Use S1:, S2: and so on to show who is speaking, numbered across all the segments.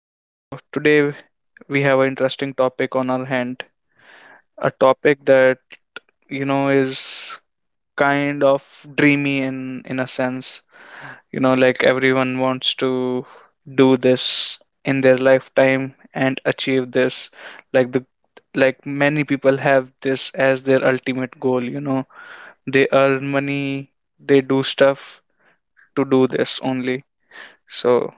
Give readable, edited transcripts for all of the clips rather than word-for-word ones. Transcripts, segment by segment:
S1: so today we have an interesting topic on our hand. A topic that is kind of dreamy in a sense. You know, like everyone wants to do this in their lifetime and achieve this. Like the like many people have this as their ultimate goal. You know, they earn money, they do stuff to do this only. So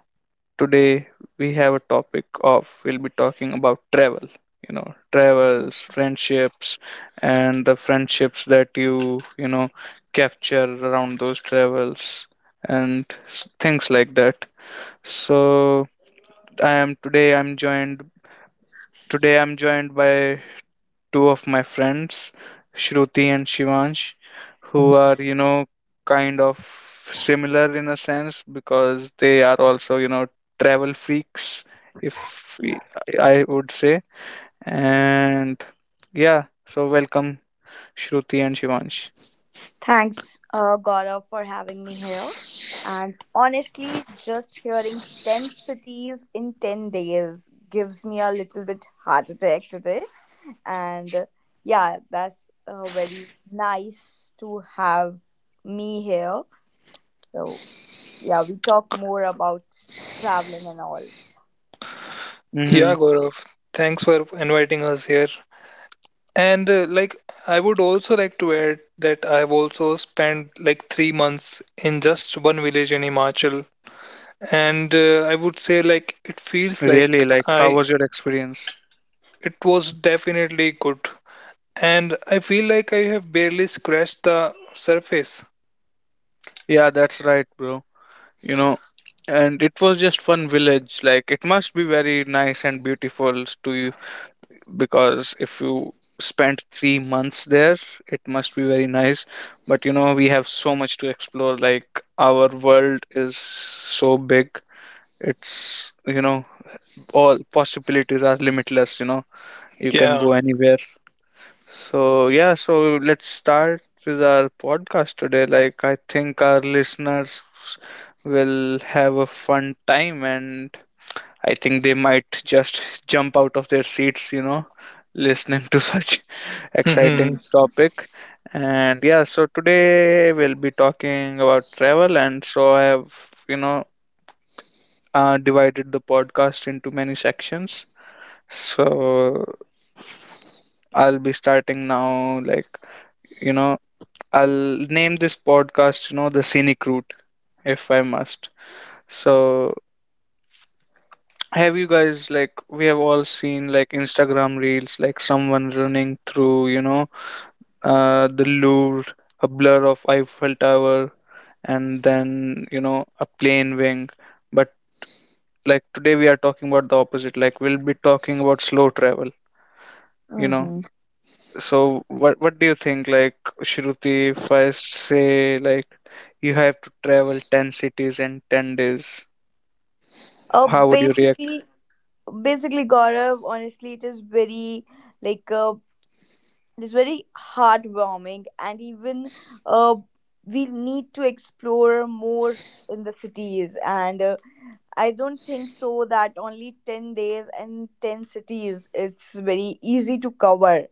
S1: today we have a topic of we'll be talking about travel. You know, travels, friendships, and the friendships that you know capture around those travels and things like that. So I am today I'm joined by two of my friends, Shruti and Shivansh, who are, you know, kind of similar in a sense because they are also, you know, travel freaks, if we- I would say. And yeah, so welcome, Shruti and Shivansh.
S2: Thanks, Gaurav, for having me here. And honestly, just hearing 10 cities in 10 days gives me a little bit heart attack today. And yeah, that's very nice to have me here. So yeah, we talk more about traveling and all.
S1: Mm-hmm.
S3: Yeah, Gaurav, thanks for inviting us here. And like, I would also like to add that I have also spent like 3 months in just one village in Himachal, and I would say like it feels
S1: Really,
S3: like
S1: like, how
S3: I
S1: was your experience?
S3: it was definitely good, and I feel like I have barely scratched the surface.
S1: Yeah, that's right, bro. You know, and it was just one village. Like, it must be very nice and beautiful to, because if you spent 3 months there, it must be very nice. But you know, we have so much to explore. Like, our world is so big. It's, you know, all possibilities are limitless, you know. You can
S3: Yeah.
S1: go anywhere. So yeah, so let's start with our podcast today. Like, I think our listeners will have a fun time and I think they might just jump out of their seats, you know, listening to such
S3: Hmm.
S1: exciting topic. And yeah, so today we'll be talking about travel. And so I have, you know, divided the podcast into many sections. So I'll be starting now, like, you know, I'll name this podcast, you know, the scenic route, if I must. So have you guys, like, we have all seen like Instagram reels, like someone running through, you know, the Louvre, a blur of Eiffel Tower, and then you know a plane wing, but like today we are talking about the opposite. Like we'll be talking about slow travel, you know.
S2: Mm-hmm.
S1: So what do you think, like, Shruti, if I say like you have to travel 10 cities in 10 days,
S2: Uh,
S1: how would you react?
S2: basically, basically, Gaurav, honestly, it is very like it's very heartwarming. And even uh, we need to explore more in the cities. And I don't think so that only 10 days and 10 cities it's very easy to cover.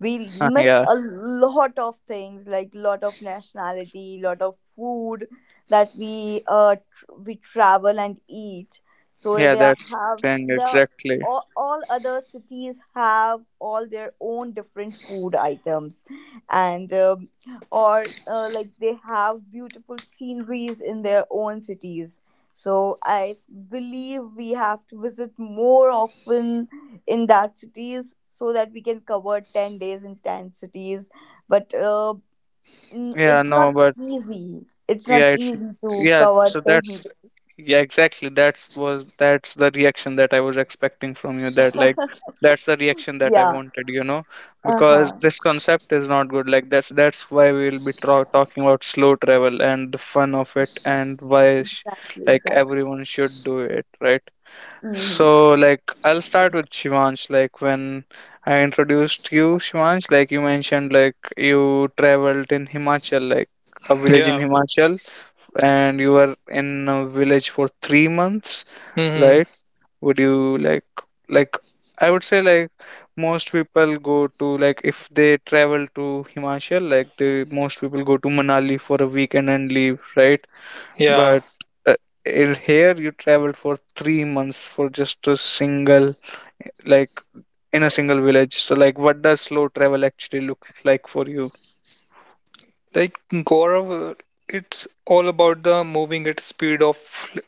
S2: We
S1: Huh,
S2: miss
S1: yeah.
S2: a lot of things, like lot of nationality, lot of food that we travel and eat. So
S1: Yeah,
S2: they are-
S1: that's the
S2: have
S1: thing,
S2: the
S1: exactly.
S2: all other cities have all their own different food items. And or like they have beautiful sceneries in their own cities. So I believe we have to visit more often in that cities so that we can cover 10 days in 10 cities. But
S1: Yeah,
S2: it's not
S1: no, but
S2: easy, it's not
S1: yeah, it's,
S2: easy to
S1: yeah,
S2: cover
S1: so
S2: 10
S1: that's,
S2: days.
S1: yeah, exactly, that's the reaction that I was expecting from you. That like, that's the reaction that I
S2: Yeah.
S1: wanted, you know, because
S2: Uh-huh.
S1: this concept is not good. Like, that's why we'll be talking about slow travel and the fun of it
S2: Yeah,
S1: and why
S2: exactly,
S1: like
S2: exactly.
S1: everyone should do it, right?
S2: Mm-hmm.
S1: So like, I'll start with Shivansh. Like, when I introduced you, Shivansh, like you mentioned like you traveled in Himachal, like a village in
S3: Yeah.
S1: Himachal, and you were in a village for 3 months,
S3: Hmm.
S1: right? Would you like, I would say like most people go to, like, if they travel to Himachal, like the most people go to Manali for a weekend and leave, right?
S3: Yeah.
S1: But uh, in here you travel for 3 months for just a single, like, in a single village. So like, what does slow travel actually look like for you?
S3: Like Gaurav, it's all about the moving at speed of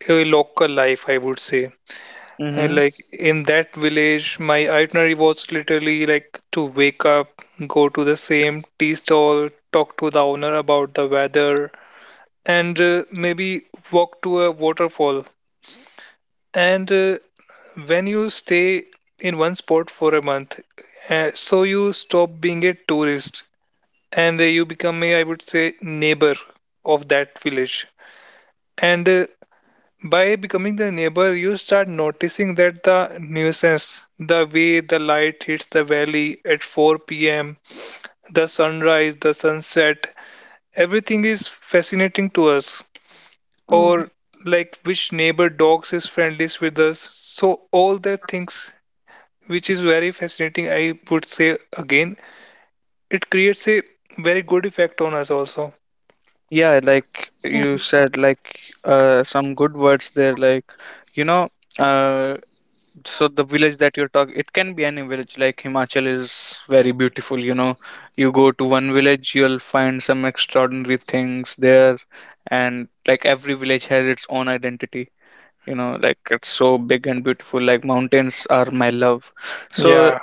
S3: a local life, I would say. And
S1: Mm-hmm.
S3: like in that village, my itinerary was literally like to wake up, go to the same tea stall, talk to the owner about the weather, and maybe walk to a waterfall. And when you stay in one spot for a month, so you stop being a tourist, and you become a, I would say, neighbor of that village. And By becoming the neighbor, you start noticing that the nuisance, the way the light hits the valley at 4 p.m., the sunrise, the sunset, everything is fascinating to us.
S2: Mm-hmm.
S3: Or like which neighbor dogs is friendliest with us. So all the things which is very fascinating, I would say again, it creates a very good effect on us also.
S1: Yeah, like you said, like, some good words there. Like, you know, uh, so the village that you're talking, it can be any village. Like Himachal is very beautiful. You know, you go to one village, you'll find some extraordinary things there, and like every village has its own identity, you know, like it's so big and beautiful. Like, mountains are my love. So,
S3: Yeah.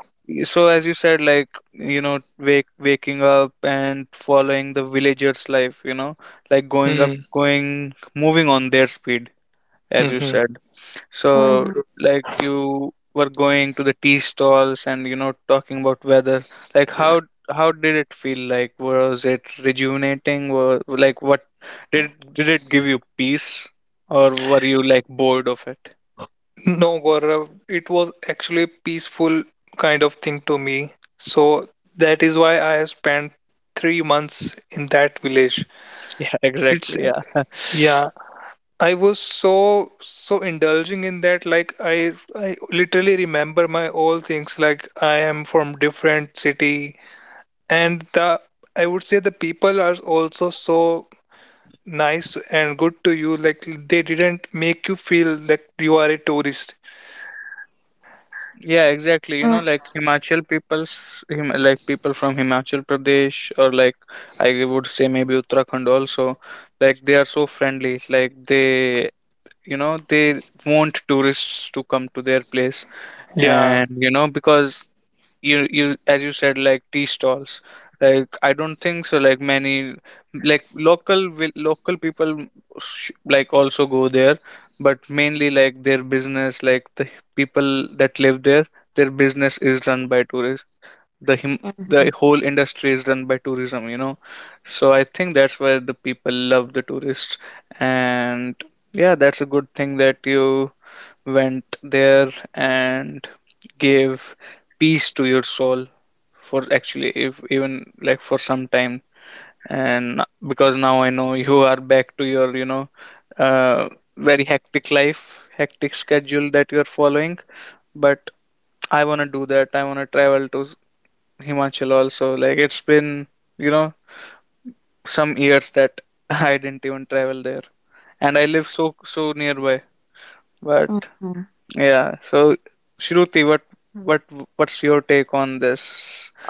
S1: so as you said, like, you know, wake waking up and following the villagers' life, you know, like
S3: Hmm.
S1: going, moving on their speed, as you
S3: Mhm.
S1: said. So
S2: Mm-hmm.
S1: like, you were going to the tea stalls and, you know, talking about weather. Like, how did it feel? Like, was it rejuvenating or, like, what did did it give you peace or were you like bored of it?
S3: No, Gaurav, it was actually a peaceful kind of thing to me. So that is why I spent 3 months in that village.
S1: Yeah,
S3: It's
S1: exactly. Yeah.
S3: Yeah, I was so indulging in that. Like I literally remember my all things. Like I am from different city, and the I would say the people are also so nice and good to you. Like they didn't make you feel like you are a tourist.
S1: Yeah, exactly. You know,
S2: Mm-hmm.
S1: like Himachal like people from Himachal Pradesh, or like, I would say maybe Uttarakhand also, like they are so friendly. Like, they, you know, they want tourists to come to their place.
S3: Yeah.
S1: And, you know, because you, as you said, like tea stalls, like I don't think so, like many, like local people like also go there, but mainly like their business, like the people that live there, their business is run by tourists. the him the
S2: Mm-hmm.
S1: whole industry is run by tourism, you know. So I think that's where the people love the tourists. And yeah, that's a good thing that you went there and gave peace to your soul for actually, if even like for some time. And because now I know you are back to your, you know, uh, very hectic life hectic schedule that you're following. But I want to do that. I want to travel to Himachal also. Like, it's been, you know, some years that I didn't even travel there, and I live so so nearby. But
S2: Mm-hmm.
S1: yeah. So, Shruti, what what's your take on this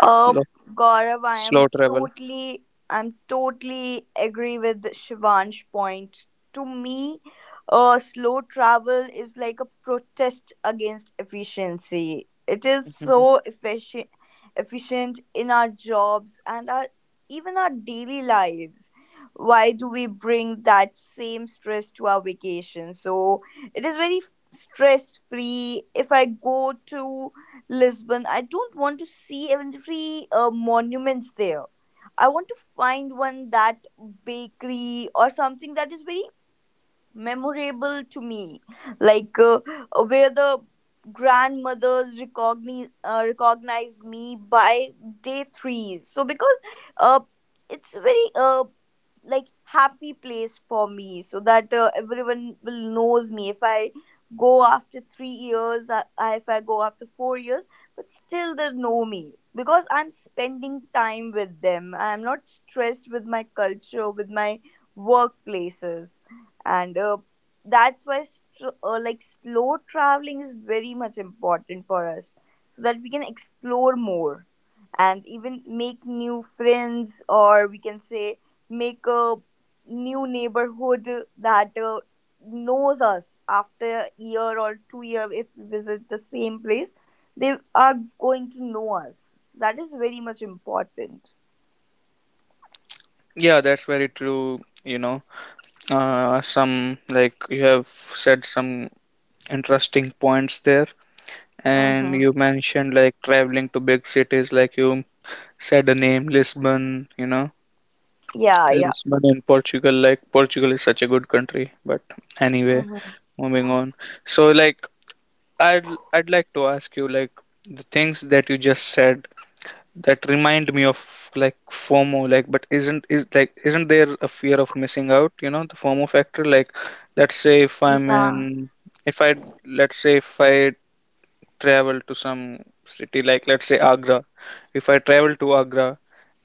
S2: Oh,
S1: lo-
S2: Gaurav, I
S1: slow
S2: am
S1: travel?
S2: totally, I'm totally agree with Shivansh point. To me, slow travel is like a protest against efficiency. It is
S1: Mhm.
S2: so efficient in our jobs and our even our daily lives. Why do we bring that same stress to our vacation? So it is very stress free. If I go to Lisbon, I don't want to see every monuments there. I want to find one that bakery or something that is very memorable to me, like where the grandmothers recognize me by day 3. So because uh, it's very like happy place for me, so that everyone will knows me. If I go after 3 years, if I go after 4 years, but still they know me because I'm spending time with them. I'm not stressed with my culture, with my workplaces. And that's why like slow traveling is very much important for us, so that we can explore more and even make new friends, or we can say make a new neighborhood that knows us after a year or 2 year. If we visit the same place, they are going to know us. That is very much important.
S1: Yeah, that's very true. You know, some, like you have said some interesting points there, and
S2: Mm-hmm.
S1: you mentioned like traveling to big cities, like you said the name Lisbon. You know,
S2: Yeah, yeah.
S1: Lisbon in Portugal. Like, Portugal is such a good country, but anyway,
S2: Mm-hmm.
S1: moving on. So, like, I'd like to ask you, like, the things that you just said that remind me of like FOMO. Like, but isn't is like, isn't there a fear of missing out, you know, the FOMO factor? Like, let's say if I'm
S2: Yeah.
S1: in, if I let's say if I travel to some city, like let's say Agra. If I travel to Agra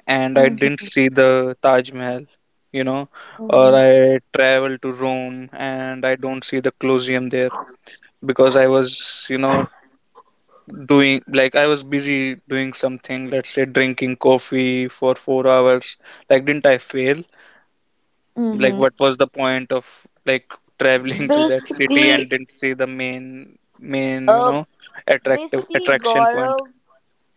S1: and I didn't see the Taj Mahal, you know, or
S2: Mm-hmm.
S1: I travel to Rome and I don't see the Colosseum there because I was, you know, doing, like I was busy doing something, let's say drinking coffee for 4 hours, like, didn't I fail? Like,
S2: Mm-hmm.
S1: what was the point of, like, traveling to that city
S2: Basically,
S1: and didn't see the main, you
S2: uh,
S1: know, attractive
S2: basically,
S1: attraction point?
S2: Gaurav,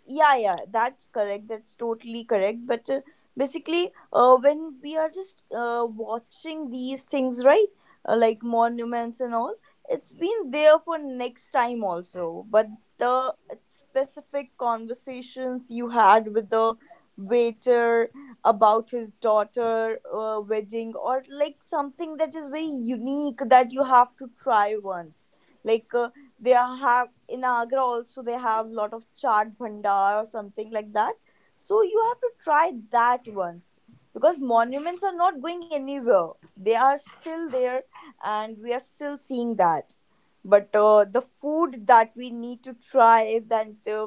S2: yeah, yeah, that's correct. That's totally correct. But when we are just watching these things, right, like monuments and all, it's been there for next time also. But the specific conversations you had with the waiter about his daughter wedding, or like something that is very unique that you have to try once, like they are have in Agra also. They have lot of chaat bhandar or something like that, so you have to try that once because monuments are not going anywhere. They are still there and we are still seeing that. But the food that we need to try, that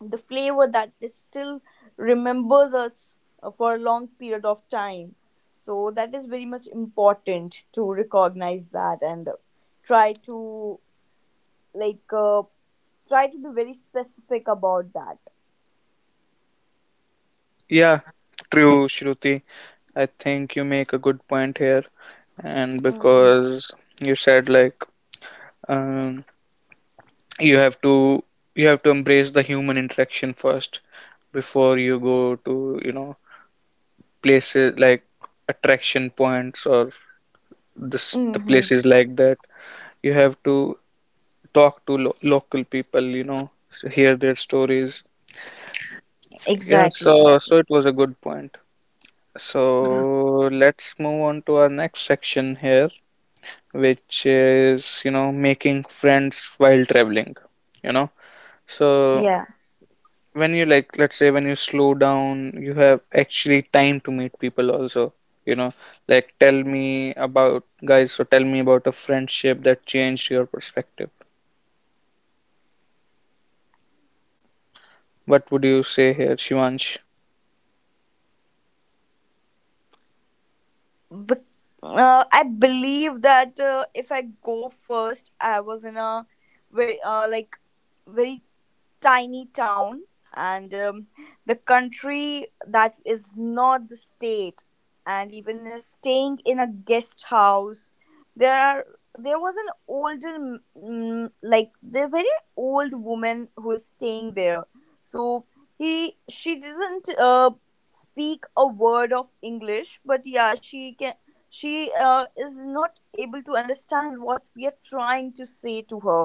S2: the flavor that is still remembers us for a long period of time. So that is very much important to recognize that and try to like uh, try to be very specific about that.
S1: Yeah, true, Shruti. I think you make a good point here. And
S2: Mm-hmm.
S1: because you said like, um, you have to, you have to embrace the human interaction first before you go to, you know, places like attraction points or this the
S2: Mm-hmm.
S1: places like that. You have to talk to local people, you know, hear their stories. Yeah,
S2: Exactly,
S1: so,
S2: exactly.
S1: so it was a good point. So
S2: Mhm.
S1: let's move on to our next section here, which is, you know, making friends while traveling, you know. So
S2: Yeah.
S1: when you, like, let's say when you slow down, you have actually time to meet people also, you know. Like, tell me about, guys, so tell me about a friendship that changed your perspective. What would you say here, Shivansh?
S2: But, I believe that if I go first, I was in a very uh, like very tiny town. And the country that is not the state. And even staying in a guest house, there are there was an older m- like the very old woman who is staying there. So he she doesn't speak a word of English. But yeah, she can. She is not able to understand what we are trying to say to her,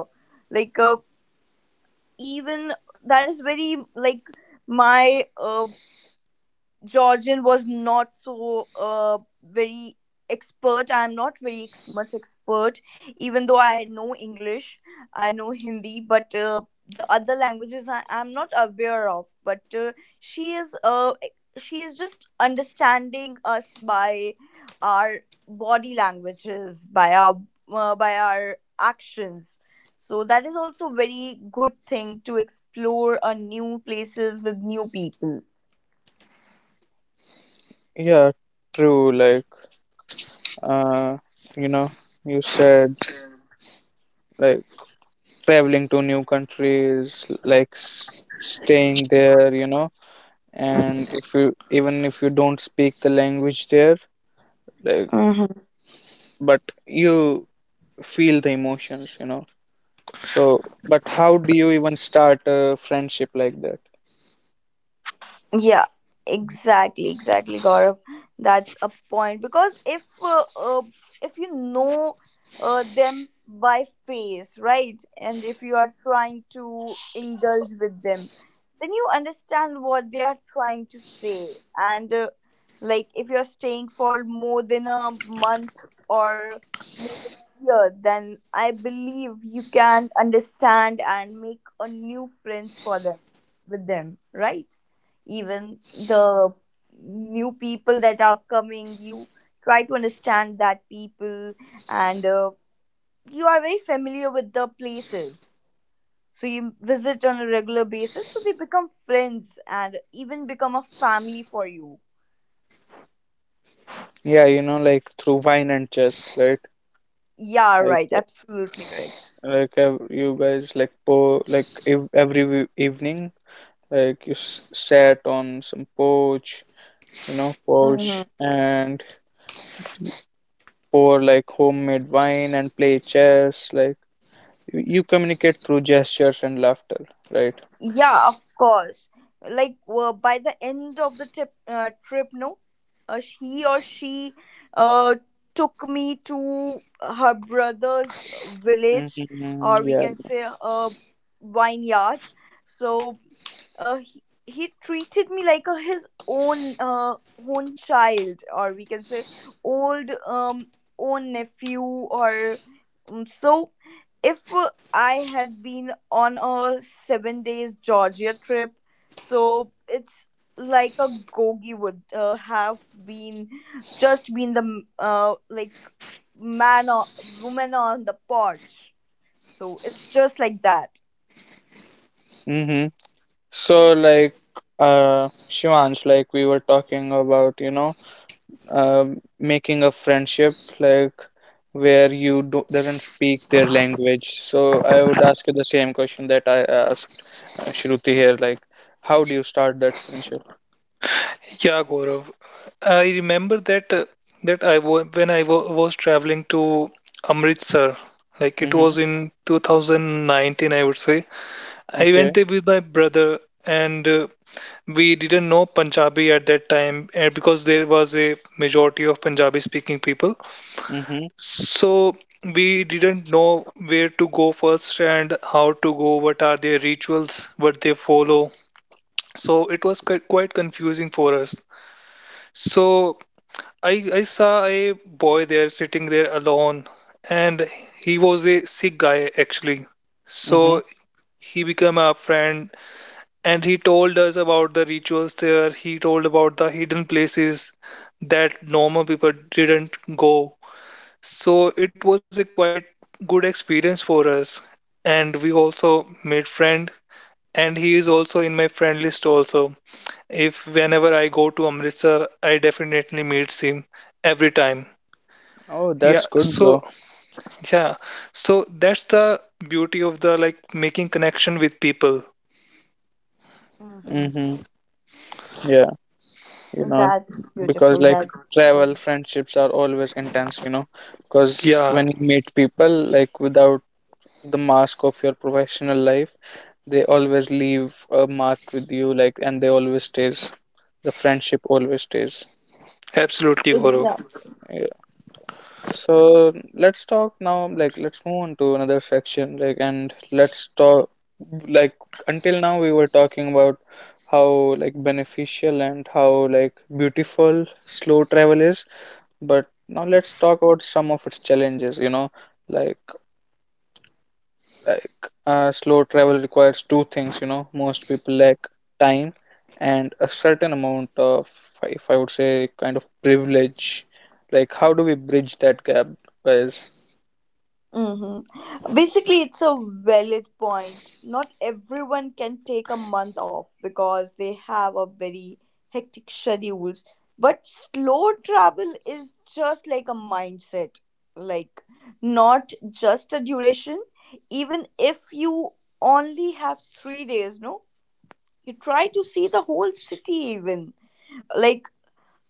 S2: like even that is very like my Georgian was not so very expert. I'm not very much expert. Even though I know English, I know Hindi, but the other languages I'm not aware of. But she is uh, e, she is just understanding us by our body languages, by our actions. So that is also very good thing to explore a new places with new people.
S1: Yeah, true. Like, uh you know, you said like traveling to new countries, like staying there, you know, and if you, even if you don't speak the language there, like,
S2: Mhm.
S1: but you feel the emotions, you know. So, but how do you even start a friendship like that?
S2: Yeah, exactly, exactly, Gaurav. That's a point because if you know them by face, right, and if you are trying to indulge with them, then you understand what they are trying to say. And like if you are staying for more than a month or more than a year, then I believe you can understand and make a new friends for them with them, right? Even the new people that are coming, you try to understand that people. And you are very familiar with the places, so you visit on a regular basis, so they become friends and even become a family for you.
S1: Yeah, you know, like through wine and chess, right?
S2: Yeah,
S1: Like,
S2: right,
S1: uh,
S2: absolutely correct.
S1: like ev you guys like po like ev every evening, like you s sat on some porch, you know, porch,
S2: Mhm.
S1: and pour like homemade wine and play chess. Like, you communicate through gestures and laughter, right?
S2: Yeah, of course. Like by the end of the trip, no, he or she uh, took me to her brother's village,
S1: Mm-hmm,
S2: or we
S1: yeah.
S2: can say a vineyard. So he treated me like his own child, or we can say old own nephew. Or so if I had been on a 7 days Georgia trip, so it's like a gogi would have been been like man or woman on the porch. So it's just like that.
S1: Mm-hmm. So like, Shivansh, like we were talking about, you know, uh, making a friendship like where doesn't speak their language. So I would ask you the same question that I asked Shruti here, like, how do you start that friendship?
S3: Yeah, Gaurav. I remember that I wa when I wa was traveling to Amritsar, like it
S1: Mm-hmm.
S3: was in 2019, I would say. I
S1: Okay.
S3: went there with my brother, and we didn't know Punjabi at that time, because there was a majority of Punjabi-speaking people.
S1: Mm-hmm.
S3: So we didn't know where to go first and how to go, what are their rituals, what they follow. So it was quite confusing for us. So I saw a boy there sitting there alone, and he was a sick guy actually.
S1: Mm-hmm.
S3: So he became our friend, and he told us about the rituals there. He told about the hidden places that normal people didn't go. So it was a quite good experience for us, and we also made friend. And he is also in my friend list also. If whenever I go to Amritsar, I definitely meet him every time.
S1: Oh, that's
S3: Yeah,
S1: good,
S3: so
S1: bro.
S3: yeah, so that's the beauty of the like making connection with people.
S2: Mm-hmm.
S1: Mm-hmm. Yeah, you know,
S2: That's
S1: because
S2: beautiful.
S1: like
S2: That's
S1: travel
S2: beautiful.
S1: friendships are always intense, you know, because
S3: Yeah,
S1: when you meet people like without the mask of your professional life, they always leave a mark with you. Like, and they always stays, the friendship always stays.
S3: absolutely, Gaurav.
S2: Exactly.
S1: Yeah. So let's talk now, like let's move on to another section, like, and let's talk, like, until now we were talking about how like beneficial and how like beautiful slow travel is, but now let's talk about some of its challenges, you know. like Like slow travel requires two things, you know. Most people lack time and a certain amount of, if I would say, kind of privilege. Like, how do we bridge that gap, guys?
S2: Mm-hmm. Basically, it's a valid point. Not everyone can take a month off because they have a very hectic schedules. But slow travel is just like a mindset, like not just a duration. Even if you only have 3 days, no, you try to see the whole city, even. Like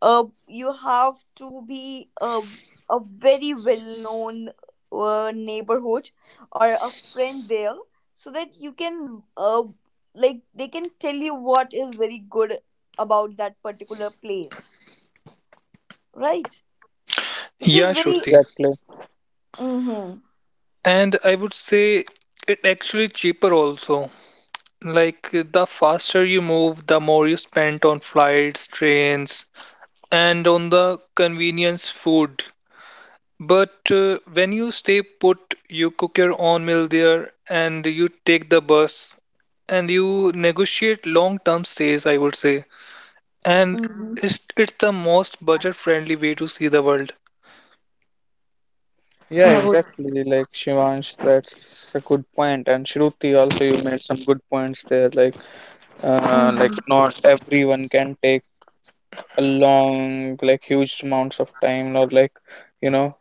S2: you have to be a very well known neighborhood or a friend there, so that you can like they can tell you what is very good about that particular place, right, which is
S3: Yeah,
S1: Yeah,
S2: very.
S3: Shruti.
S1: exactly.
S2: Mm-hmm,
S3: And I would say it actually cheaper also. Like the faster you move, the more you spend on flights, trains, and on the convenience food. But when you stay put, you cook your own meal there and you take the bus and you negotiate long-term stays, I would say. And
S2: mm-hmm,
S3: is it the most budget-friendly way to see the world?
S1: Yeah,
S2: no,
S1: exactly. Like, Shivansh, that's a good point. And Shruti, also you made some good points there. Like
S2: mm-hmm,
S1: not everyone can take a long, like huge amounts of time, or like, you know,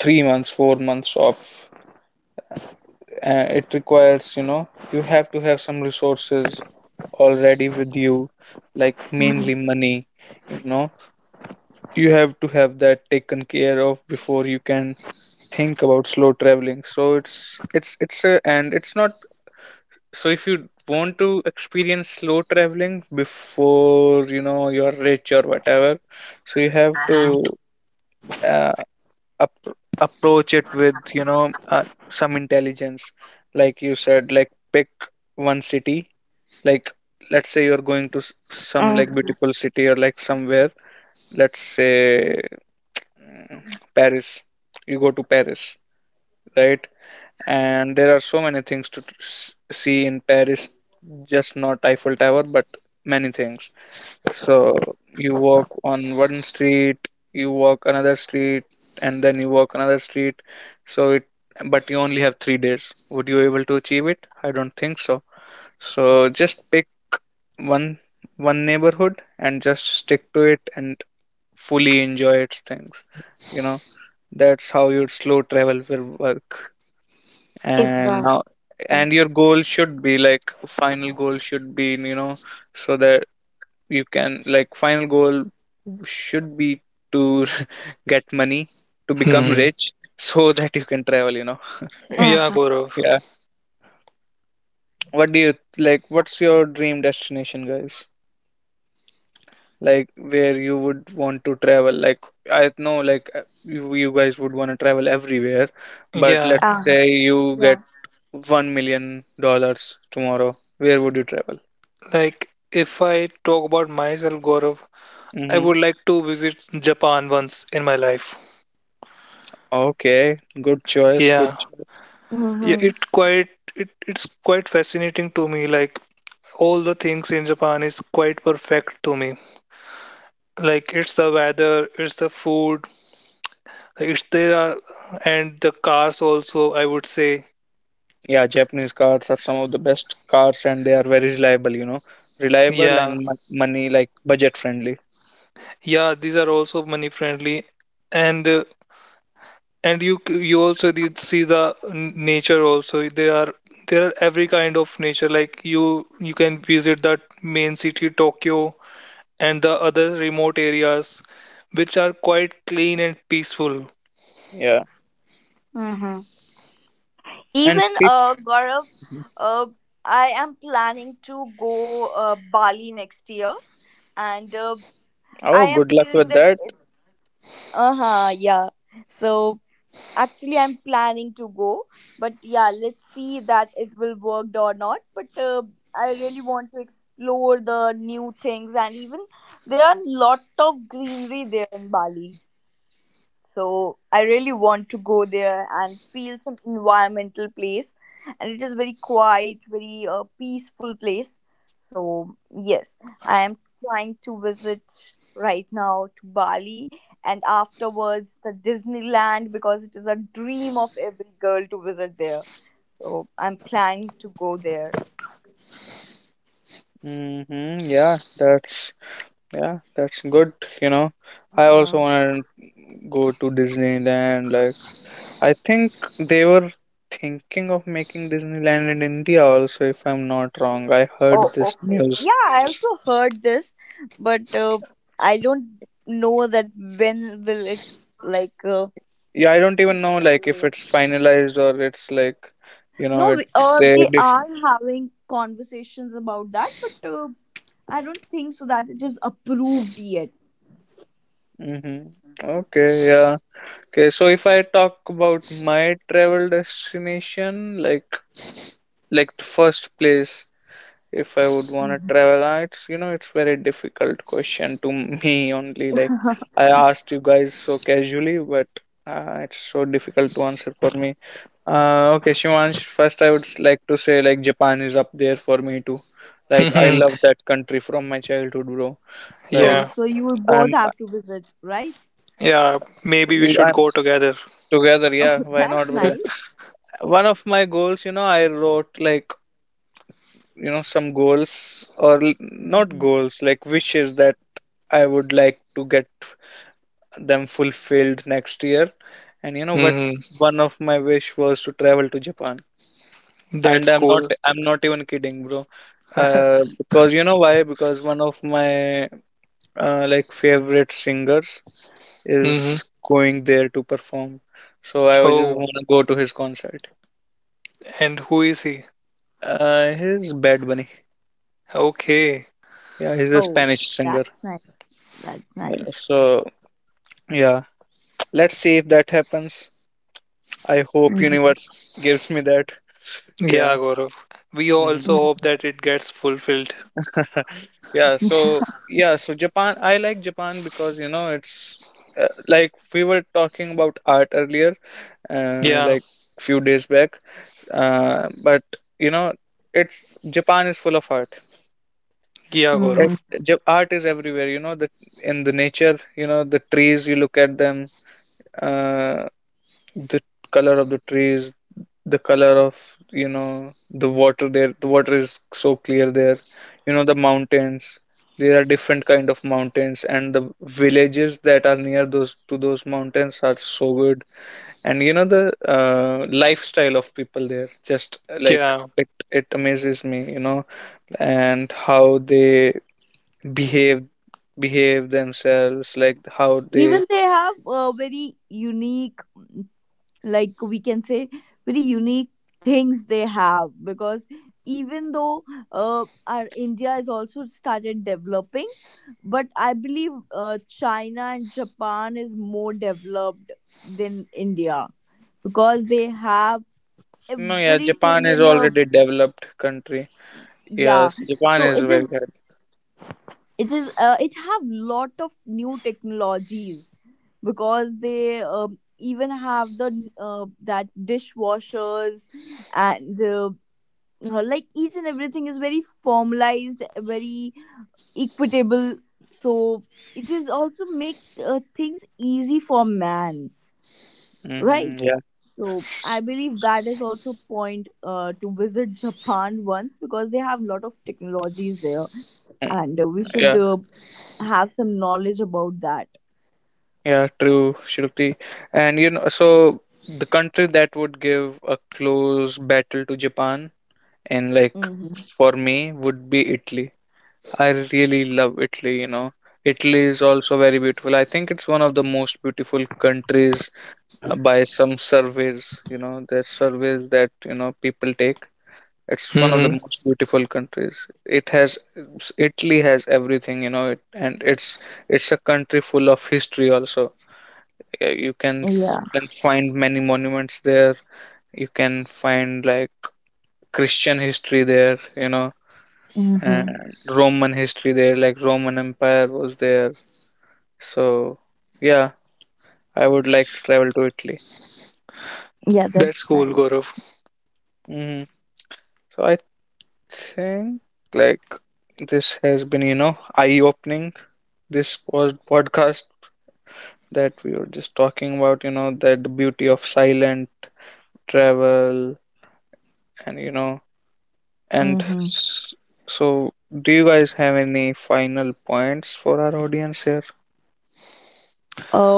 S1: 3 months, 4 months off. It requires, you have to have some resources already with you, like
S2: mm-hmm.
S1: mainly money. You know you have to have that taken care of before you can think about slow traveling. So it's a and it's not. So if you want to experience slow traveling before you're rich or whatever. So you have to uh, up, approach it with some intelligence. Like you said, like, pick one city. Like, let's say you're going to some, like,
S2: Mm-hmm.
S1: beautiful city, or, like, somewhere. Let's say, mm, Paris. You go to Paris, right? And there are so many things to see in Paris, just not Eiffel Tower, but many things. So you walk on one street, you walk another street, and then you walk another street. So it, but you only have 3 days. Would you able to achieve it? I don't think so. So just pick one one neighborhood and just stick to it and fully enjoy its things. You know, that's how your slow travel will work. And
S2: Exactly.
S1: now, and your goal should be, like, final goal should be, so that you can, like, final goal should be to get money, to become
S3: Hmm.
S1: rich, so that you can travel.
S3: Yeah,
S2: mm,
S3: Gaurav.
S1: Yeah, what do you like, what's your dream destination, guys? Like, where you would want to travel. Like, I know, like, you, you guys would want to travel everywhere. But
S3: Yeah,
S1: let's
S2: uh,
S1: say you get
S2: yeah.
S1: $1 million tomorrow. Where would you travel?
S3: like if I talk about myself, Gaurav, I
S1: Mm-hmm.
S3: would like to visit Japan once in my life.
S1: Okay, good choice, good
S3: Yeah.
S1: choice.
S3: Yeah,
S2: Mm-hmm,
S3: it's quite fascinating to me. Like all the things in Japan is quite perfect to me. Like it's the weather, it's the food, like it's there are and the cars also, I would say.
S1: Yeah, Japanese cars are some of the best cars, and they are very reliable, you know. Reliable
S3: Yeah.
S1: and money, like, budget friendly.
S3: Yeah, these are also money friendly, and uh, and you also did see the nature also. There are every kind of nature. Like you can visit that main city Tokyo and the other remote areas, which are quite clean and peaceful.
S1: Yeah.
S2: mm-hmm.
S1: And
S2: Even
S1: cheap.
S2: Gaurav, uh, I am planning to go Bali next year, and I
S1: Oh,
S2: am
S1: good luck
S2: feeling
S1: with
S2: that
S1: that.
S2: it's uh huh yeah. So actually, I'm planning to go, but yeah, let's see that it will work or not. But I really want to explore the new things, and even there are lot of greenery there in Bali. So I really want to go there and feel some environmental place, and it is very quiet, very peaceful place. So yes, I am trying to visit right now to Bali, and afterwards the Disneyland because it is a dream of every girl to visit there. So I'm planning to go there.
S1: Mm-hmm. Yeah, that's good, you know. I also
S2: Mhm.
S1: want to go to Disneyland. Like, I think they were thinking of making Disneyland in India also, if I'm not wrong. I
S2: Oh,
S1: heard this
S2: okay.
S1: news.
S2: Yeah, I also heard this, but I don't know that when will it like. Uh,
S1: Yeah, I don't even know, like, if it's finalized or it's like, you know
S2: no,
S1: it they
S2: they
S1: dis
S2: are having conversations about that, but I don't think so that it is approved yet.
S1: Mm-hmm. Okay, yeah. Okay, so if I talk about my travel destination, like the first place, if I would want to
S2: Mhm.
S1: travel, it's, very difficult question to me only. Like, I asked you guys so casually, but it's so difficult to answer for me. Okay, Shivansh, first I would like to say, like, Japan is up there for me too. Like, I
S3: Mhm.
S1: love that country from my childhood, bro. Like,
S2: Oh,
S3: Yeah,
S2: so you will both
S1: I'm
S2: have to visit, right?
S3: yeah. Maybe we should
S1: I'm
S3: go
S1: s-
S3: together.
S1: together,
S2: Oh,
S1: yeah. Why not,
S2: that's
S1: bro?
S2: nice.
S1: One of my goals, I wrote, like, some goals, or not
S2: Mhm.
S1: goals, like wishes, that I would like to get them fulfilled next year. And you know what,
S3: Hmm.
S1: one of my wish was to travel to Japan, and
S3: That's
S1: i'm not
S3: cool.
S1: i'm not even kidding, bro. Because you know why? Because one of my, like, favorite singers is
S3: Hmm.
S1: going there to perform. So I was just
S3: Oh,
S1: want to go to his concert.
S3: and who is he?
S1: He's Bad Bunny.
S3: Okay.
S1: Yeah, he's a
S2: Oh,
S1: Spanish singer.
S2: that's nice. That's nice.
S1: So yeah, let's see if that happens. I hope universe gives me that. Yeah.
S3: Yeah, Gaurav. We
S1: Hmm.
S3: also hope that it gets fulfilled.
S1: Yeah, so, Japan, I like Japan because, it's, like, we were talking about art earlier,
S3: Yeah.
S1: like, few days back. But you know, it's Japan is full of art.
S3: Yeah, Gaurav.
S1: It,
S2: Hmm.
S1: Art is everywhere. You know, the in the nature, the trees. You look at them, uh, the color of the trees, the color of, the water there. The water is so clear there. The mountains, there are different kind of mountains, and the villages that are near those mountains are so good. And the lifestyle of people there just, like,
S3: Yeah.
S1: it amazes me. And how they behave behave themselves, like, how they—
S2: Even they have very unique like we can say very unique things they have, because even though our India is also started developing, but I believe China and Japan is more developed than India because they have
S1: No, yeah, Japan
S2: everything
S1: is
S2: in a.
S1: already developed country.
S2: Yeah,
S1: Yes, Japan
S2: so
S1: is very good.
S2: it have lot of new technologies because they even have the that dishwashers. And like each and everything is very formalized, very equitable. So it is also make things easy for man,
S1: Hmm.
S2: right? So I
S1: S-
S2: believe that is also point to visit Japan once because they have a lot of technologies there.
S1: mm,
S2: And we should
S1: Yeah,
S2: have some knowledge about that.
S1: yeah, true, Shruti. And so the country that would give a close battle to Japan, and, like,
S2: Hmm.
S1: for me, would be Italy. I really love Italy. Italy is also very beautiful. I think it's one of the most beautiful countries, by some surveys, there's surveys that, people take. It's one of the
S3: Hmm.
S1: most beautiful countries. It has Italy has everything, and it's a country full of history also. Yeah. You can
S2: Yeah.
S1: s- you can find many monuments there. You can find, like, Christian history there,
S2: Hmm.
S1: and Roman history there, like Roman Empire was there. So, yeah, I would like to travel to Italy.
S2: Yeah, that's
S3: That's
S2: nice.
S3: cool, Gaurav.
S1: Hmm. So I think, like, this has been, eye-opening. This was podcast that we were just talking about, that the beauty of silent travel. And and
S2: Hmm.
S1: s- so do you guys have any final points for our audience here?
S2: uh,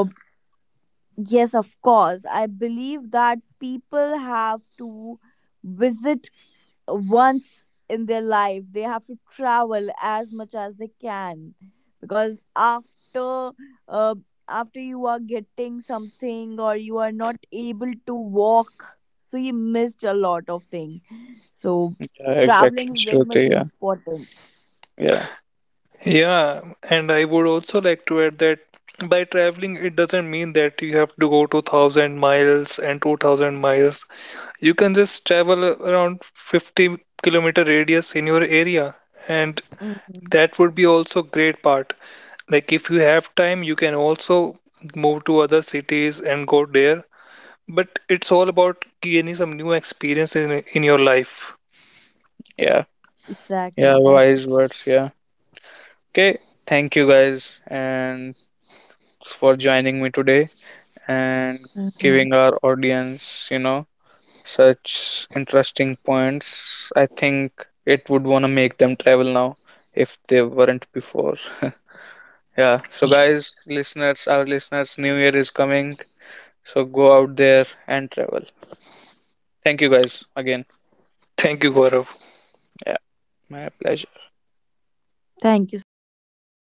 S2: Yes, of course. I believe that people have to visit once in their life. They have to travel as much as they can because uh, after you are getting something or you are not able to walk, so you missed a lot of things. So
S1: Yeah, exactly,
S2: traveling is very much
S1: Shruti. Yeah,
S2: important.
S1: yeah,
S3: Yeah, and I would also like to add that by traveling, it doesn't mean that you have to go 2000 miles and 2000 miles. You can just travel around 50-kilometer radius in your area, and
S2: Mm,
S3: that would be also great part. Like if you have time, you can also move to other cities and go there. But it's all about gaining some new experience in your life.
S1: yeah, yeah,
S2: exactly. That's.
S1: wise words. Yeah. Okay, thank you, guys, and for joining me today and
S2: Mhm.
S1: giving our audience, such interesting points. I think it would want to make them travel now if they weren't before. Yeah. So, guys, our listeners, New Year is coming. So, go out there and travel. Thank you, guys, again.
S3: Thank you, Gaurav.
S1: Yeah. My pleasure.
S2: Thank you so much, Gaurav. That